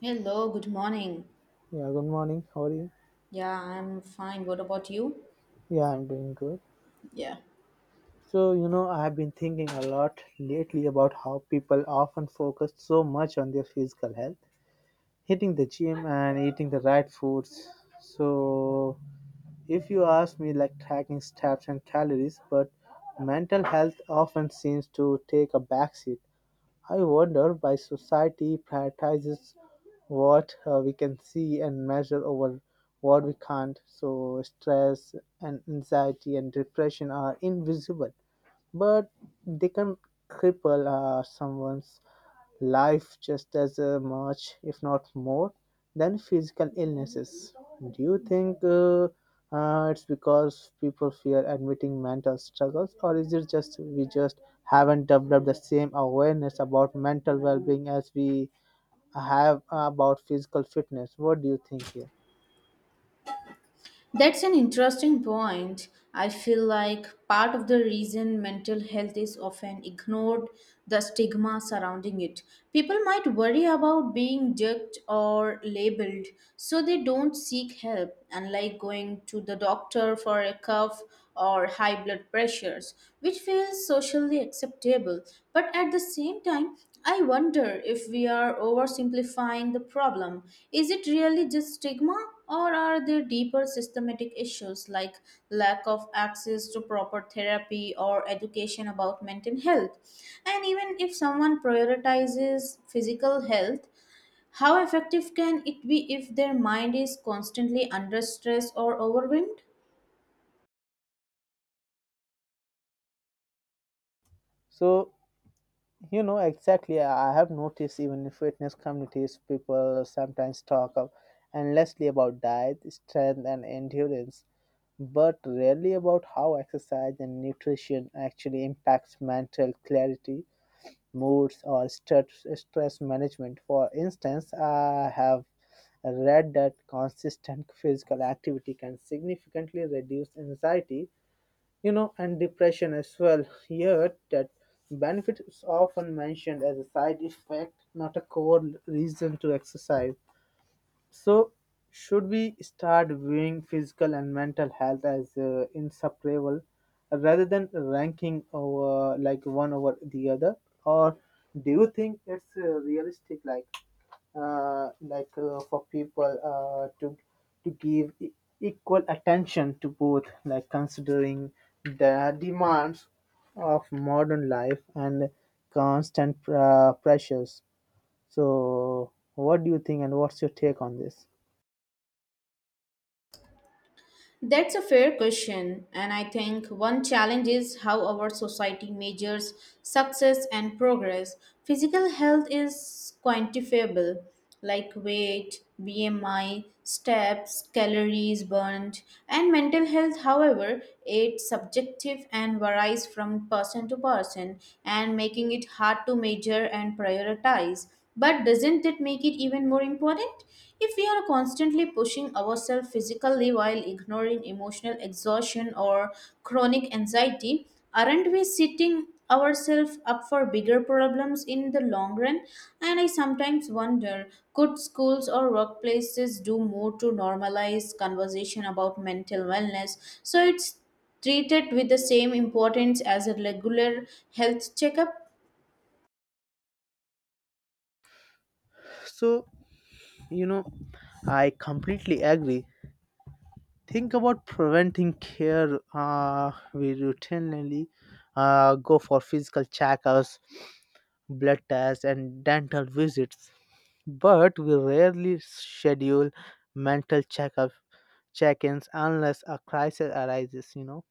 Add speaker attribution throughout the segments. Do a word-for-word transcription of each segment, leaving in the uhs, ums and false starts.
Speaker 1: Hello, good morning.
Speaker 2: Yeah, good morning. How are you?
Speaker 1: Yeah, I'm fine. What about you?
Speaker 2: Yeah, I'm doing good.
Speaker 1: Yeah.
Speaker 2: So, you know, I've been thinking a lot lately about how people often focus so much on their physical health, hitting the gym and eating the right foods. So, if you ask me, like tracking steps and calories, but mental health often seems to take a backseat. I wonder why society prioritizes what uh, we can see and measure over what we can't. So, stress and anxiety and depression are invisible, but they can cripple uh, someone's life just as uh, much, if not more, than physical illnesses. Do you think uh, uh, it's because people fear admitting mental struggles, or is it just we just haven't developed the same awareness about mental well-being as we have about physical fitness? What do you think here?
Speaker 1: That's an interesting point. I feel like part of the reason mental health is often ignored the stigma surrounding it. People might worry about being judged or labeled, so they don't seek help, unlike going to the doctor for a cough or high blood pressures, which feels socially acceptable. But at the same time, I wonder if we are oversimplifying the problem. Is it really just stigma? Or are there deeper systematic issues like lack of access to proper therapy or education about mental health? And even if someone prioritizes physical health, how effective can it be if their mind is constantly under stress or overwhelmed?
Speaker 2: So you know exactly. I I have noticed even in fitness communities, people sometimes talk of endlessly about diet, strength, and endurance but rarely about how exercise and nutrition actually impacts mental clarity, moods, or stress, stress management. For instance, I have read that consistent physical activity can significantly reduce anxiety, you know, and depression as well. Yet that benefit is often mentioned as a side effect, not a core reason to exercise. So, should we start viewing physical and mental health as uh, inseparable rather than ranking over like one over the other? Or do you think it's uh, realistic, like uh, like uh, for people uh, to to give e- equal attention to both, like considering the demands of modern life and constant uh, pressures? So, what do you think, and what's your take on this?
Speaker 1: That's a fair question, and I think one challenge is how our society measures success and progress. Physical health is quantifiable, like weight, B M I, steps, calories burned, and mental health, however, it's subjective and varies from person to person, and making it hard to measure and prioritize. But doesn't it make it even more important? If we are constantly pushing ourselves physically while ignoring emotional exhaustion or chronic anxiety, aren't we setting ourselves up for bigger problems in the long run? And I sometimes wonder could schools or workplaces do more to normalize conversation about mental wellness so it's treated with the same importance as a regular health checkup?
Speaker 2: So, you know, I completely agree. Think about preventing care. Uh, we routinely uh, go for physical checkups, blood tests, and dental visits, but we rarely schedule mental checkup check-ins unless a crisis arises. You know,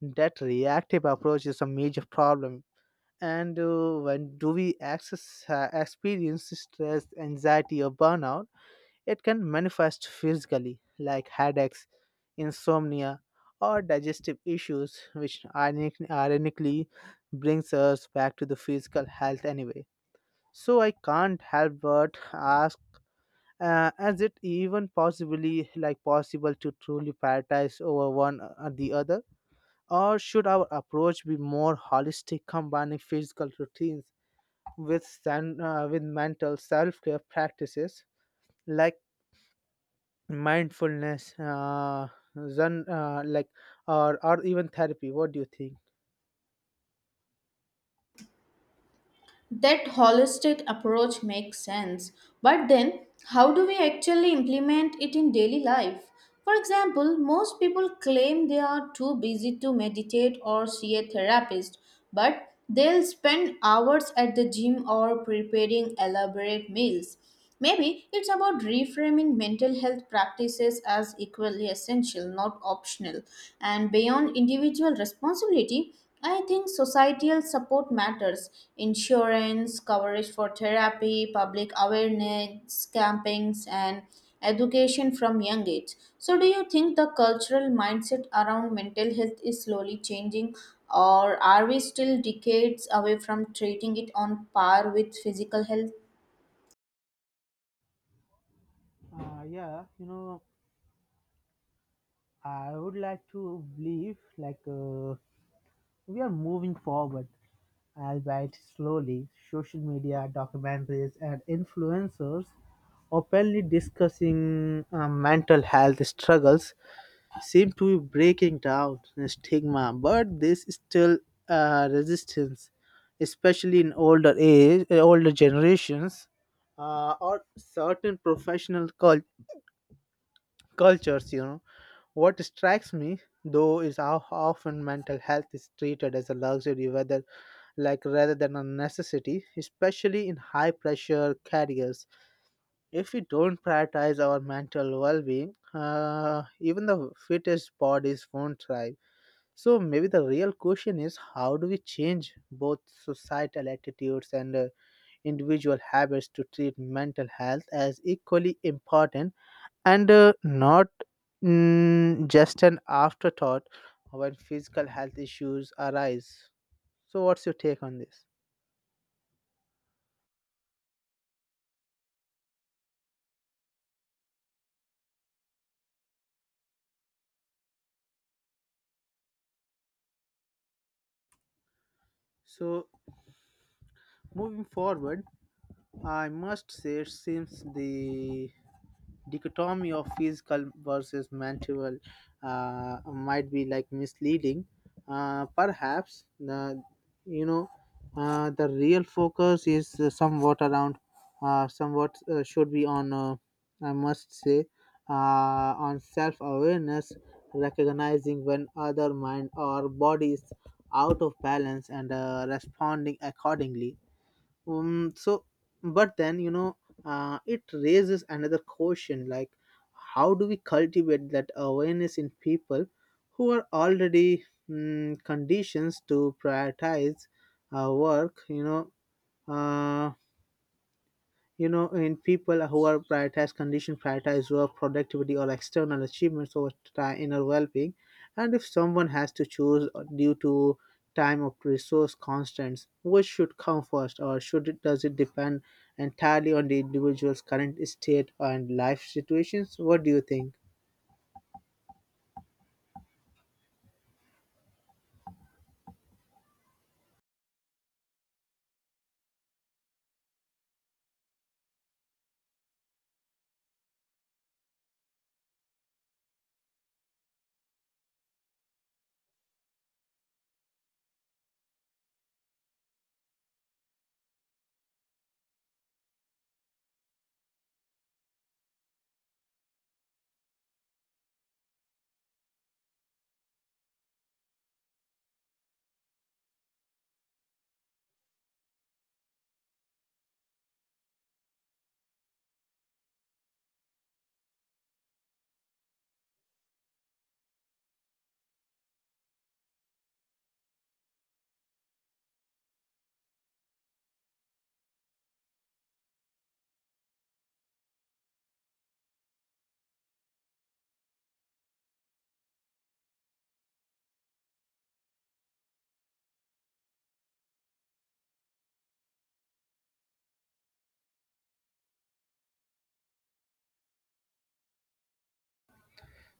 Speaker 2: that reactive approach is a major problem. And uh, when do we access uh, experience stress, anxiety, or burnout? It can manifest physically, like headaches, insomnia, or digestive issues, which ironic- ironically brings us back to the physical health anyway. So I can't help but ask, uh, is it even possibly like possible to truly prioritize over one or the other? Or should our approach be more holistic, combining physical routines with, san- uh, with mental self care practices? Like mindfulness, uh, zen, uh, like or or even therapy. What do you think?
Speaker 1: That holistic approach makes sense, but then how do we actually implement it in daily life? For example, most people claim they are too busy to meditate or see a therapist, but they'll spend hours at the gym or preparing elaborate meals. Maybe it's about reframing mental health practices as equally essential, not optional. And beyond individual responsibility, I think societal support matters. Insurance, coverage for therapy, public awareness campaigns, and education from young age. So, do you think the cultural mindset around mental health is slowly changing, or are we still decades away from treating it on par with physical health?
Speaker 2: Uh, yeah, you know, I would like to believe like uh, we are moving forward, albeit slowly. Social media, documentaries, and influencers openly discussing uh, mental health struggles seem to be breaking down the stigma, but there's still uh, resistance, especially in older age, uh, older generations, uh, or certain professional cul- cultures. You know, what strikes me though is how often mental health is treated as a luxury, whether like rather than a necessity, especially in high pressure careers. If we don't prioritize our mental well being, uh, even the fittest bodies won't thrive. So maybe the real question is how do we change both societal attitudes and uh, individual habits to treat mental health as equally important and uh, not mm, just an afterthought when physical health issues arise. So what's your take on this? So moving forward, I must say, it seems the dichotomy of physical versus mental uh, might be like misleading. Uh, perhaps the you know uh, the real focus is uh, somewhat around uh, somewhat uh, should be on, uh, I must say uh, on self awareness, recognizing when other mind or body is out of balance and uh, responding accordingly. um, so, but then, you know, uh, it raises another question, like, how do we cultivate that awareness in people who are already, mm, conditions to prioritize uh, work? You know, uh, you know in people who are prioritized condition prioritize work productivity or external achievements over time inner well-being. And if someone has to choose due to time or resource constraints, which should come first, or should it, does it depend entirely on the individual's current state and life situations? What do you think?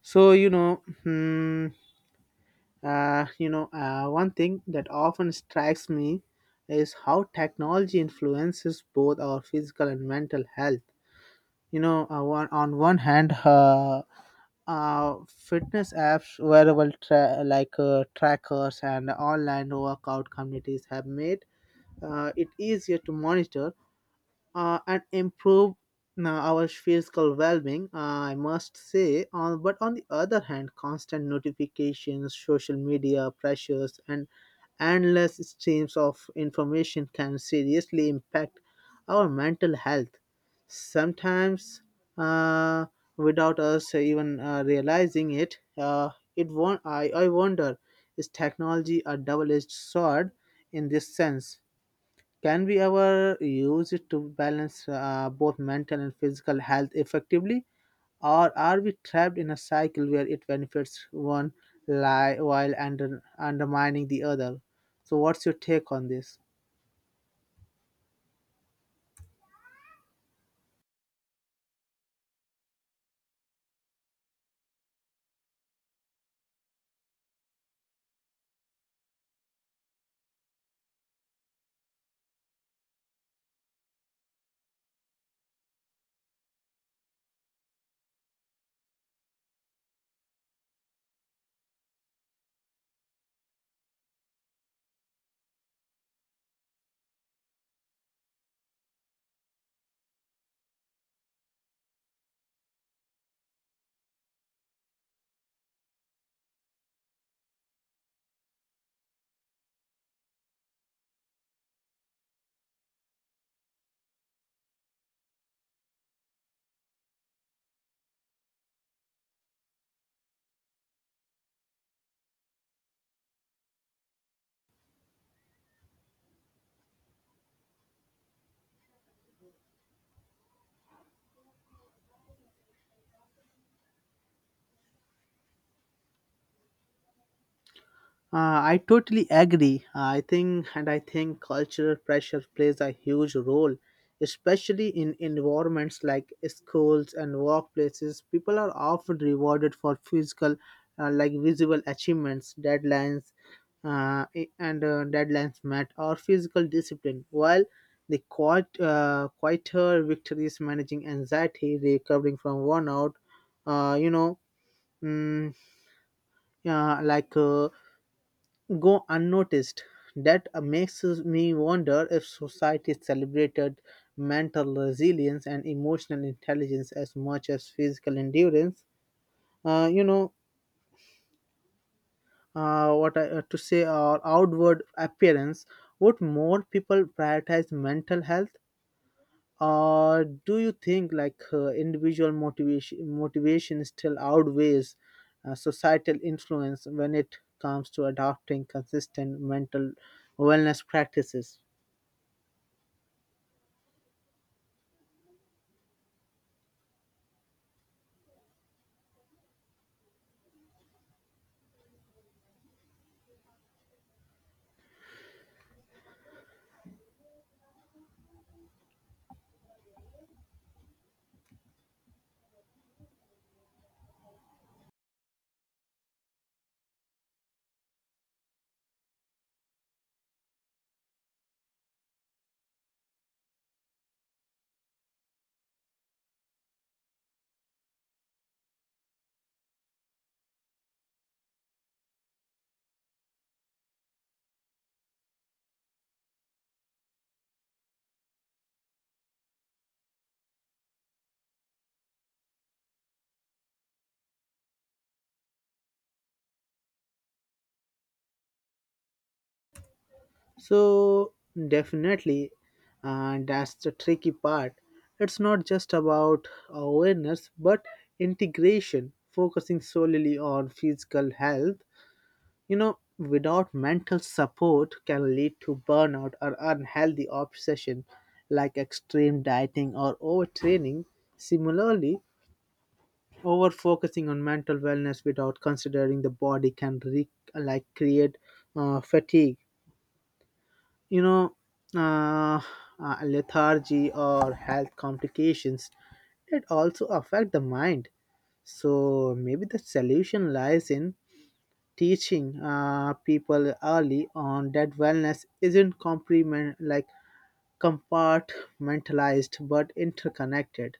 Speaker 2: so you know hmm, uh, you know uh, One thing that often strikes me is how technology influences both our physical and mental health. You know, uh, one, on one hand, uh, uh, fitness apps, wearable tra- like uh, trackers, and online workout communities have made uh, it easier to monitor uh, and improve uh, our physical well-being. uh, I must say, on, but on the other hand, constant notifications, social media pressures, and endless streams of information can seriously impact our mental health, sometimes, uh, without us even uh, realizing it. Uh, it won- I, I wonder, is technology a double edged sword in this sense? Can we ever use it to balance uh, both mental and physical health effectively? Or are we trapped in a cycle where it benefits one li- while under- undermining the other? So, what's your take on this? Uh, I totally agree. I think, and I think cultural pressure plays a huge role, especially in environments like schools and workplaces. People are often rewarded for physical, uh, like visible achievements, deadlines, uh, I- and uh, deadlines met, or physical discipline, while the quiet, uh, quieter victories managing anxiety, recovering from burnout, uh, you know, mm, uh, like. Uh, go unnoticed. That uh, makes me wonder, if society celebrated mental resilience and emotional intelligence as much as physical endurance, Uh, you know, uh, what I, uh, to say, or outward appearance, would more people prioritize mental health, or do you think like uh, individual motivation motivation still outweighs uh, societal influence when it comes to adopting consistent mental wellness practices? So definitely, and that's the tricky part. It's not just about awareness, but integration. Focusing solely on physical health, you know, without mental support, can lead to burnout or unhealthy obsession, like extreme dieting or overtraining. Similarly, over focusing on mental wellness without considering the body can re- like create uh, fatigue, you know, uh, uh, lethargy, or health complications that also affect the mind. So maybe the solution lies in teaching uh, people early on that wellness isn't complement like compartmentalized but interconnected.